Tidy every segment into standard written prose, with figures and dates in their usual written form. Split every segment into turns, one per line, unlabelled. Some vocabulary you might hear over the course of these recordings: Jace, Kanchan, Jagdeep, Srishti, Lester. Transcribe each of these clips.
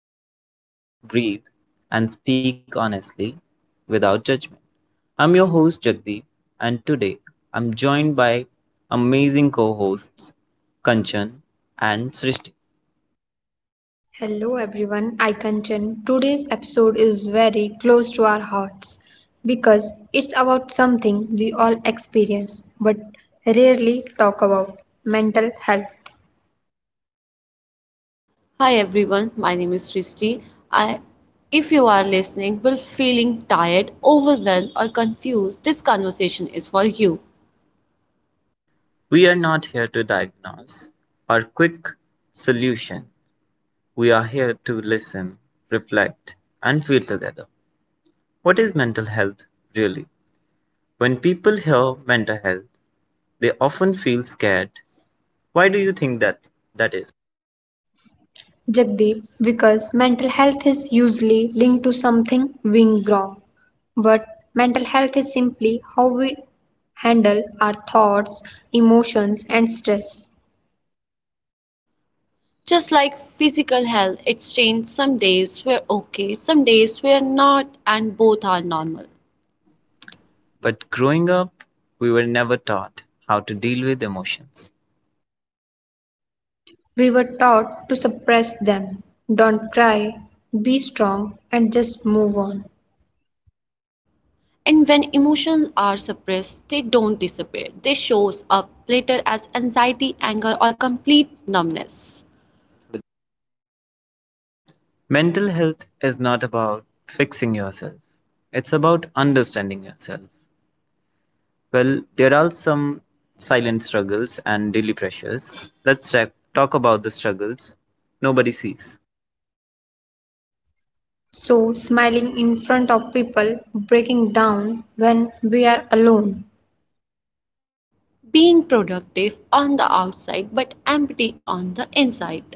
we slow down, breathe, and speak honestly without judgment. I'm your host, Jagdeep, and today I'm joined by amazing co hosts, Kanchan and Srishti.
Hello everyone, I Kanchan. Today's episode is very close to our hearts because it's about something we all experience but rarely talk about mental health.
Hi everyone, my name is Srishti. I, if you are listening, will feeling tired, overwhelmed, or confused, this conversation is for you.
We are not here to diagnose or quick solution. We are here to listen, reflect, and feel together. What is mental health really? When people hear mental health, they often feel scared. Why do you think that that is?
Jagdeep, because mental health is usually linked to something being wrong, but mental health is simply how we handle our thoughts, emotions, and stress.
Just like physical health, it's changed. Some days we're okay, some days we're not, and both are normal.
But growing up, we were never taught how to deal with emotions.
We were taught to suppress them, don't cry, be strong, and just move on.
And when emotions are suppressed, they don't disappear. They shows up later as anxiety, anger, or complete numbness.
Mental health is not about fixing yourself, it's about understanding yourself. Well, there are some silent struggles and daily pressures. Let's talk about the struggles nobody sees.
So, smiling in front of people, breaking down when we are alone.
Being productive on the outside but empty on the inside.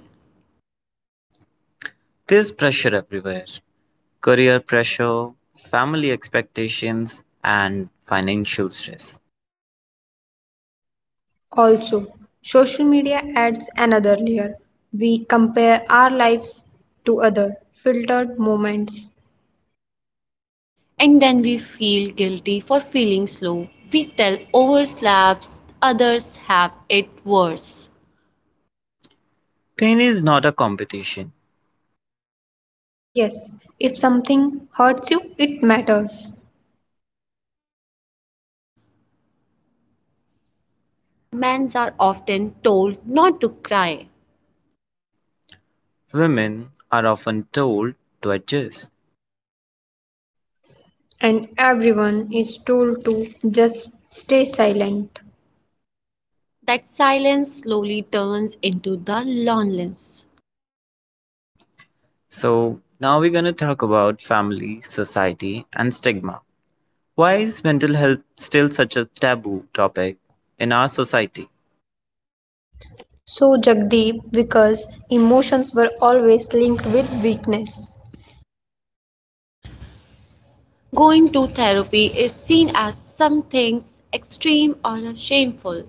There's pressure everywhere, career pressure, family expectations, and financial stress.
Also, social media adds another layer. We compare our lives to other filtered moments.
And then we feel guilty for feeling slow. We tell overslaps others have it worse.
Pain is not a competition.
Yes, if something hurts you, it matters.
Men are often told not to cry.
Women are often told to adjust.
And everyone is told to just stay silent.
That silence slowly turns into the loneliness.
So, now we're going to talk about family, society, and stigma. Why is mental health still such a taboo topic in our society?
So, Jagdeep, because emotions were always linked with weakness.
Going to therapy is seen as something extreme or shameful.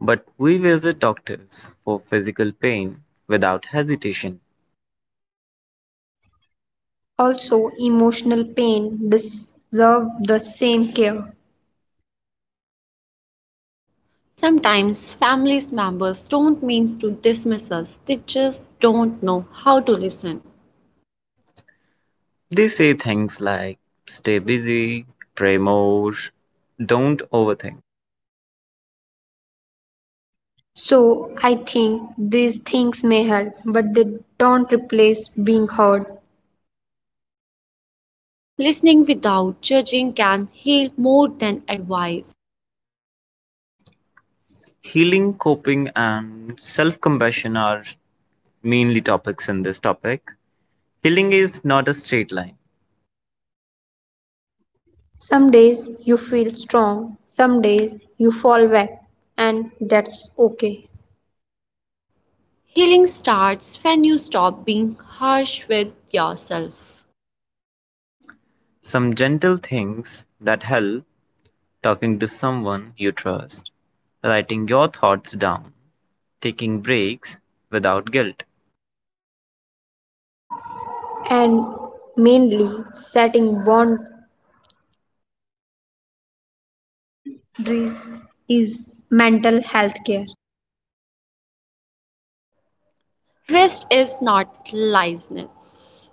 But we visit doctors for physical pain without hesitation.
Also, emotional pain deserve the same care.
Sometimes family members don't mean to dismiss us, they just don't know how to listen.
They say things like stay busy, pray more, don't overthink.
So, I think these things may help, but they don't replace being heard.
Listening without judging can heal more than advice.
Healing, coping, and self compassion are mainly topics in this topic. Healing is not a straight line.
Some days you feel strong, some days you fall back, and that's okay.
Healing starts when you stop being harsh with yourself.
Some gentle things that help: talking to someone you trust, writing your thoughts down, taking breaks without guilt.
And mainly, setting boundaries is mental health care.
Rest is not laziness.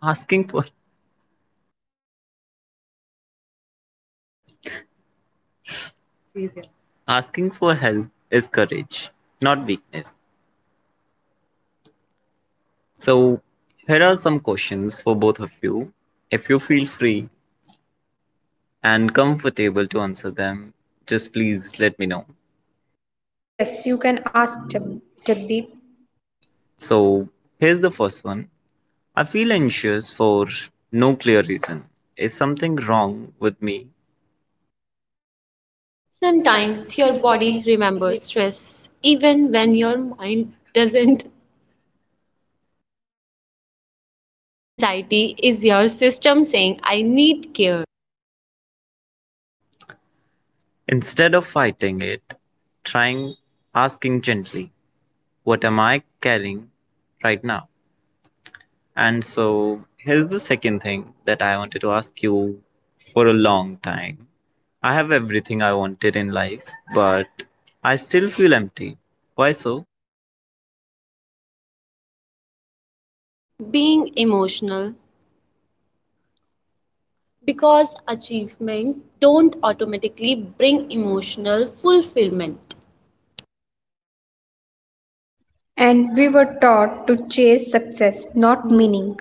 Asking for asking for help is courage, not weakness. So, here are some questions for both of you. If you feel free and comfortable to answer them, just please let me know.
Yes, you can ask Jagdeep.
So, here's the first one. I feel anxious for no clear reason. Is something wrong with me?
Sometimes
Sometimes your
your body
body.
remembers stress even when your mind doesn't. Anxiety is your system saying, I need care.
Instead of fighting it, trying, asking gently, what am I carrying right now? And so here's the second thing that I wanted to ask you for a long time. I have everything I wanted in life, but I still feel empty. Why so?
Being emotional because achievement don't automatically bring emotional fulfillment.
And we were taught to chase success, not meaning.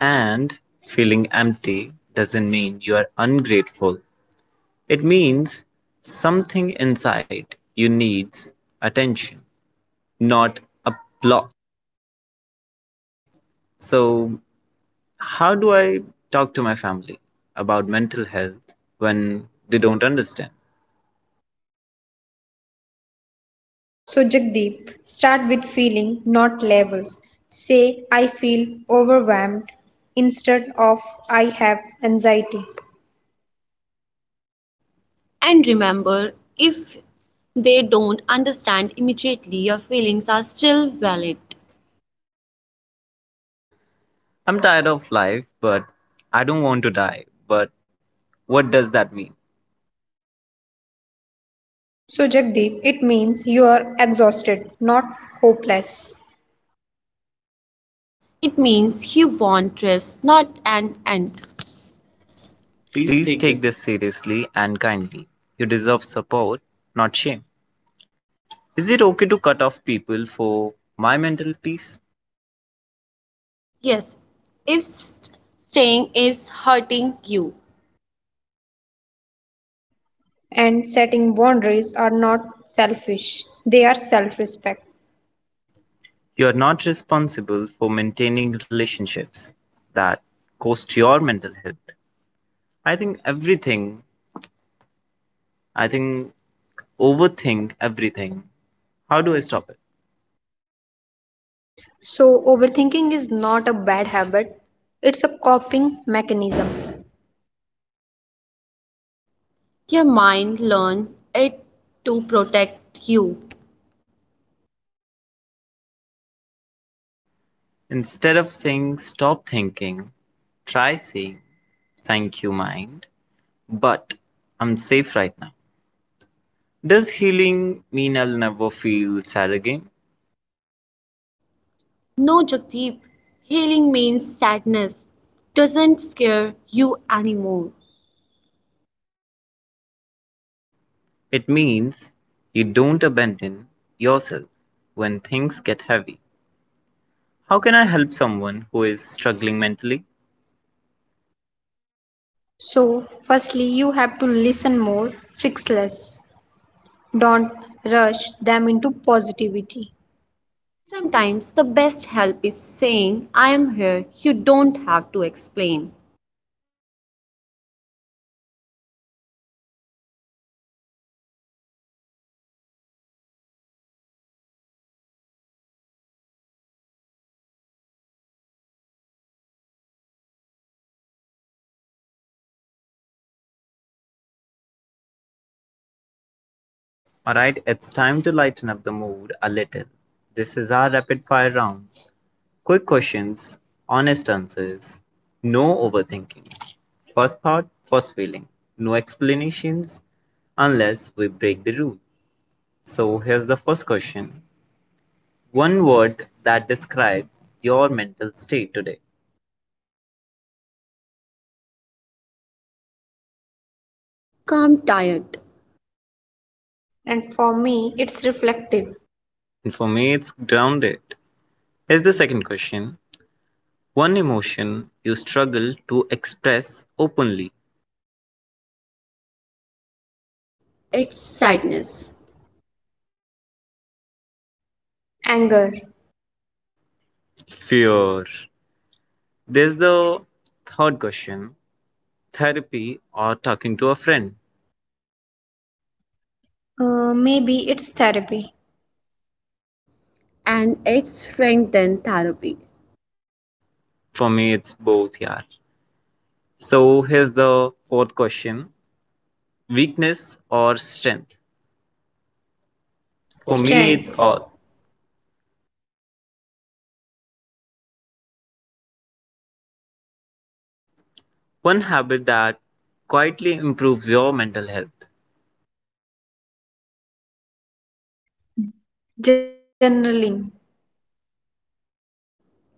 And feeling empty doesn't mean you are ungrateful. It means something inside you needs attention, not a block. So, how do I talk to my family about mental health when they don't understand?
So, Jagdeep, start with feeling, not labels. Say, I feel overwhelmed instead of I have anxiety.
And remember, if they don't understand immediately, your feelings are still valid.
I'm tired of life, but I don't want to die. But what does that mean?
So, Jagdeep, it means you are exhausted, not hopeless.
It means you want rest, not an end. Please take
Please
this.
take this seriously and kindly. You deserve support, not shame. Is it okay to cut off people for my mental peace?
Yes, if staying is hurting you,
And setting boundaries are not selfish, they are self respect.
You are not responsible for maintaining relationships that cost your mental health. I think everything, I think overthink everything. How do I stop it?
So, overthinking is not a bad habit, it's a coping mechanism.
your mind learn it to protect you.
Instead of saying "Stop thinking", try saying "Thank you mind, but I'm safe right now". Does healing mean I'll never feel sad again?
No, Jagdeep, healing means sadness doesn't scare you anymore.
It means you don't abandon yourself when things get heavy. How can I help someone who is struggling mentally?
So, firstly, you have to listen more, fix less. Don't rush them into positivity. Some.
Sometimes the best help is saying, I am here, you don't have to explain.
Alright, it's time to lighten up the mood a little. This is our rapid fire round. Quick questions, honest answers, no overthinking, first thought, first feeling, no explanations unless we break the rule. So here's the first question. One word that describes your mental state today.
Calm tired,
And for me, it's reflective,
And for me, it's grounded. Here's the second question. One emotion you struggle to express openly.
it's
it's sadness.
sadness,
Anger,
Fear. There's the third question. Therapy or talking to a friend.
maybe it's therapy,
and it's friend than therapy.
For me, it's both, yeah. So here's the fourth question, weakness or strength? For strength. Me,
strength,
it's
it's
all. One habit that quietly improves your mental health:
journaling,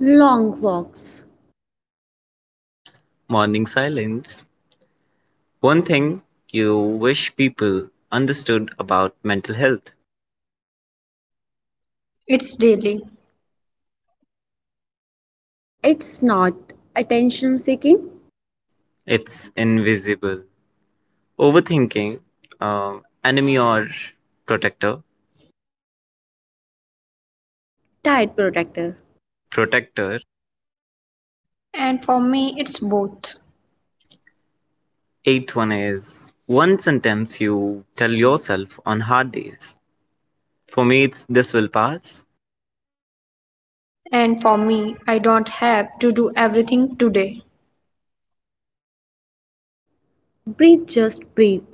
Long walks,
morning silence. One thing you wish people understood about mental health:
it's daily.
it's not attention seeking,
it's invisible. Overthinking, enemy or protector.
tired protector.
Protector.
And for me, it's both.
Eighth one is one sentence you tell yourself on hard days. For me, it's this will pass.
And for me, I don't have to do everything today,
Breathe, just breathe,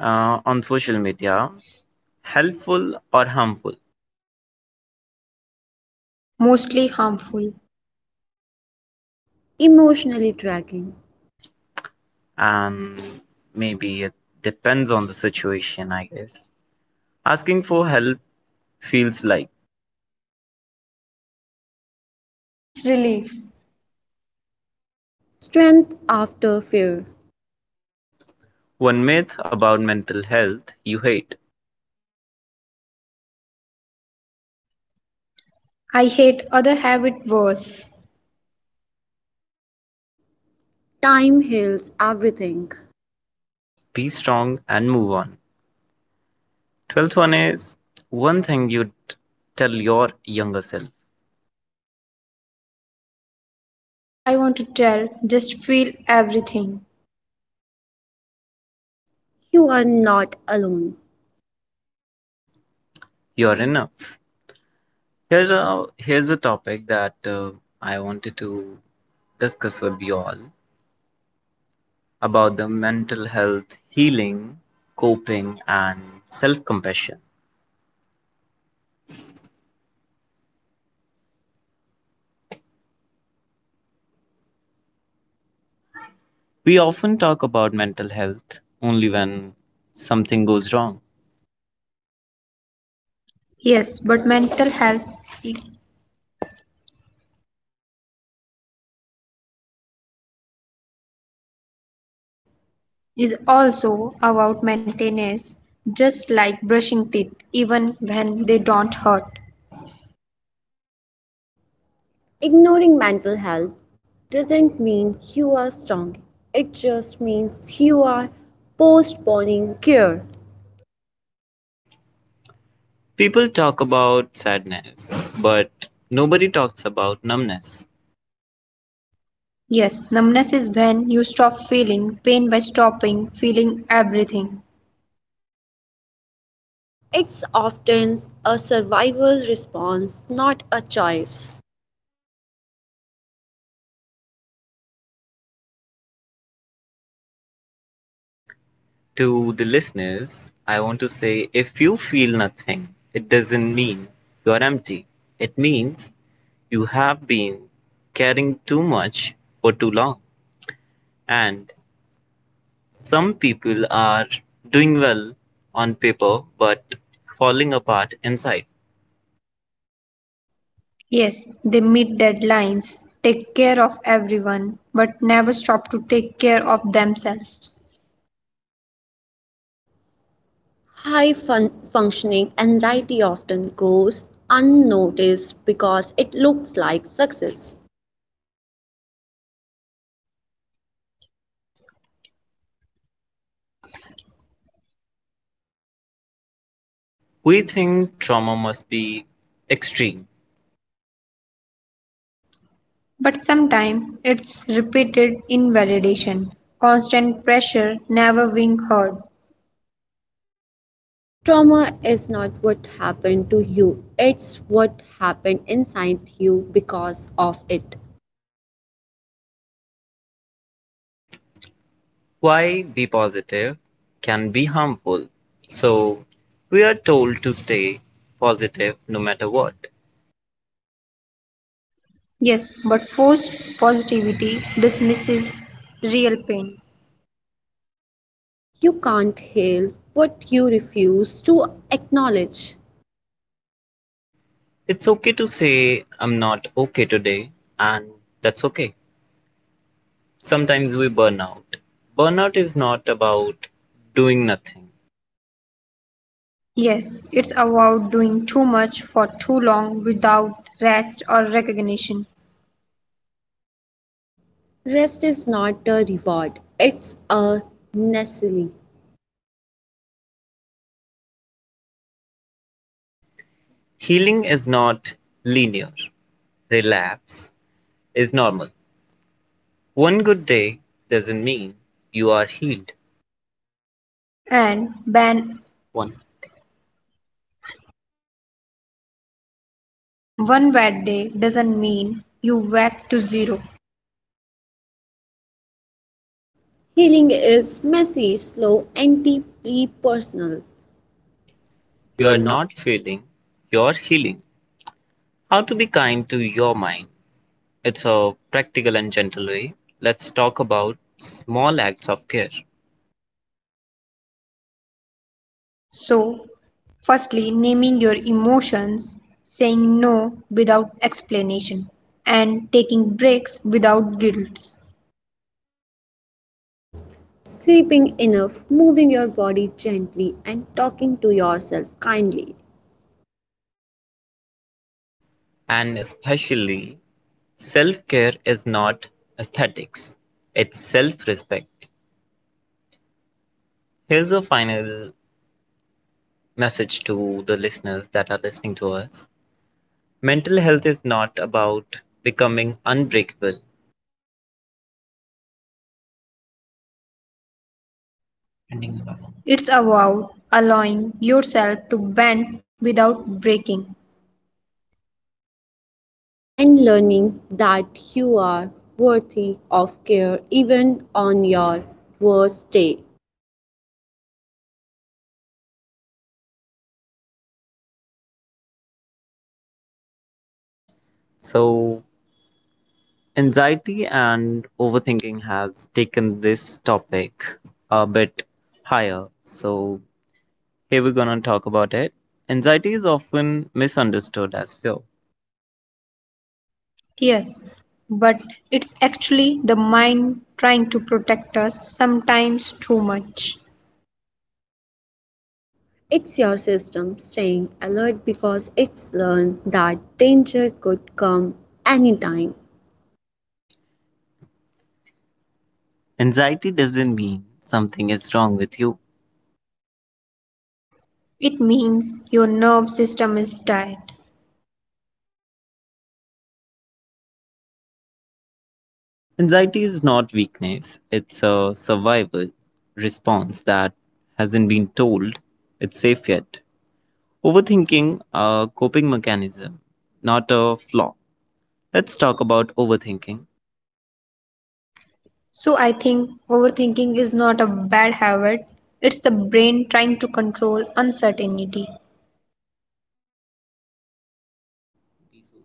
On social media, helpful or harmful?
mostly harmful.
emotionally dragging.
And maybe it depends on the situation, I guess. Asking for help feels like
It's relief.
Strength after fear,
one myth about mental health you hate.
I hate other habit worse.
time heals everything.
Be strong and move on. 12th one is one thing you'd tell your younger self:
I want to tell, just feel everything.
You are not alone.
you're enough. Here's a topic that I wanted to discuss with you all about the mental health, healing, coping, and self compassion. We often talk about mental health only when something goes wrong.
Yes, but mental health is also about maintenance, just like brushing teeth, even when they don't hurt.
Ignoring mental health doesn't mean you are strong, it just means you are postponing care.
People talk about sadness, but nobody talks about numbness.
Yes, numbness is when you stop feeling pain by stopping feeling everything.
It's often a survival response, not a choice.
To the listeners, I want to say if you feel nothing, it doesn't mean you're empty. It means you have been caring too much for too long. And some people are doing well on paper but falling apart inside.
Yes, they meet deadlines, take care of everyone, but never stop to take care of themselves.
High functioning anxiety often goes unnoticed because it looks like success.
We think trauma must be extreme.
But sometimes it's repeated invalidation, constant pressure, never being heard.
Trauma is not what happened to you, it's what happened inside you because of it.
Why be positive can be harmful. So we are told to stay positive no matter what.
Yes, but forced positivity dismisses real pain.
You can't heal what you refuse to acknowledge.
It's okay to say I'm not okay today, and that's okay. Sometimes we burn out. Burnout is not about doing nothing.
Yes, it's about doing too much for too long without rest or recognition.
Rest is not a reward, it's a necessity.
Healing is not linear, relapse is normal. One good day doesn't mean you are healed.
And ban one bad day doesn't mean you back to zero.
Healing is messy, slow, and deeply personal. You
You
are
are
not
not failing, you're healing. How to be kind to your mind. It's a practical and gentle way. Let's talk about small acts of care.
So, firstly, naming your emotions, saying no without explanation, and taking breaks without guilt.
sleeping enough, moving your body gently, and talking to yourself kindly,
And especially, self care is not aesthetics, it's self respect. Here's a final message to the listeners that are listening to us: mental health is not about becoming unbreakable.
It's about allowing yourself to bend without breaking.
and learning that you are worthy of care even on your worst day.
So, anxiety and overthinking has taken this topic a bit higher. So, here we're going to talk about it. Anxiety is often misunderstood as fear.
Yes, but it's actually the mind trying to protect us sometimes too much.
It's your system staying alert because it's learned that danger could come anytime.
Anxiety doesn't mean something is wrong with you.
It means your nerve system is tired.
Anxiety is not weakness, it's a survival response that hasn't been told it's safe yet. Overthinking, a coping mechanism, not a flaw. Let's talk about overthinking.
So I think overthinking is not a bad habit. It's the brain trying to control uncertainty.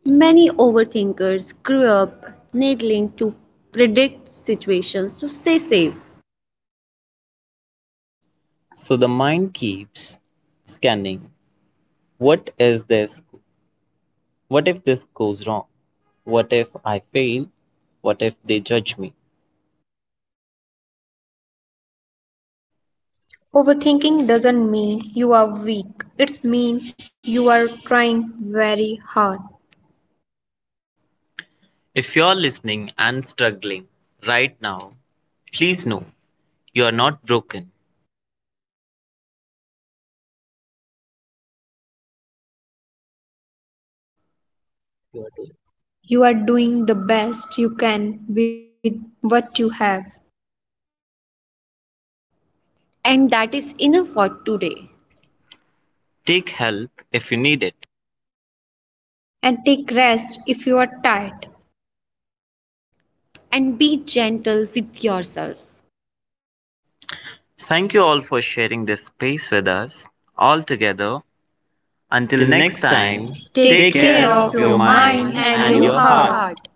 Many overthinkers grew up needing to predict situations to stay safe.
So the mind keeps scanning, what is this? What if this goes wrong? What if I fail? What if they judge me?
Overthinking doesn't mean you are weak. It means you are trying very hard.
If you're listening and struggling right now, please know you are not broken.
You are doing the best you can with what you have.
And that is enough for today.
Take help if you need it.
And take rest if you are tired.
And be gentle with yourself.
Thank you all for sharing this space with us all together. Until next time, take
Take
care
care
of
of
your mind
mind
and
and
your
your
heart.
heart.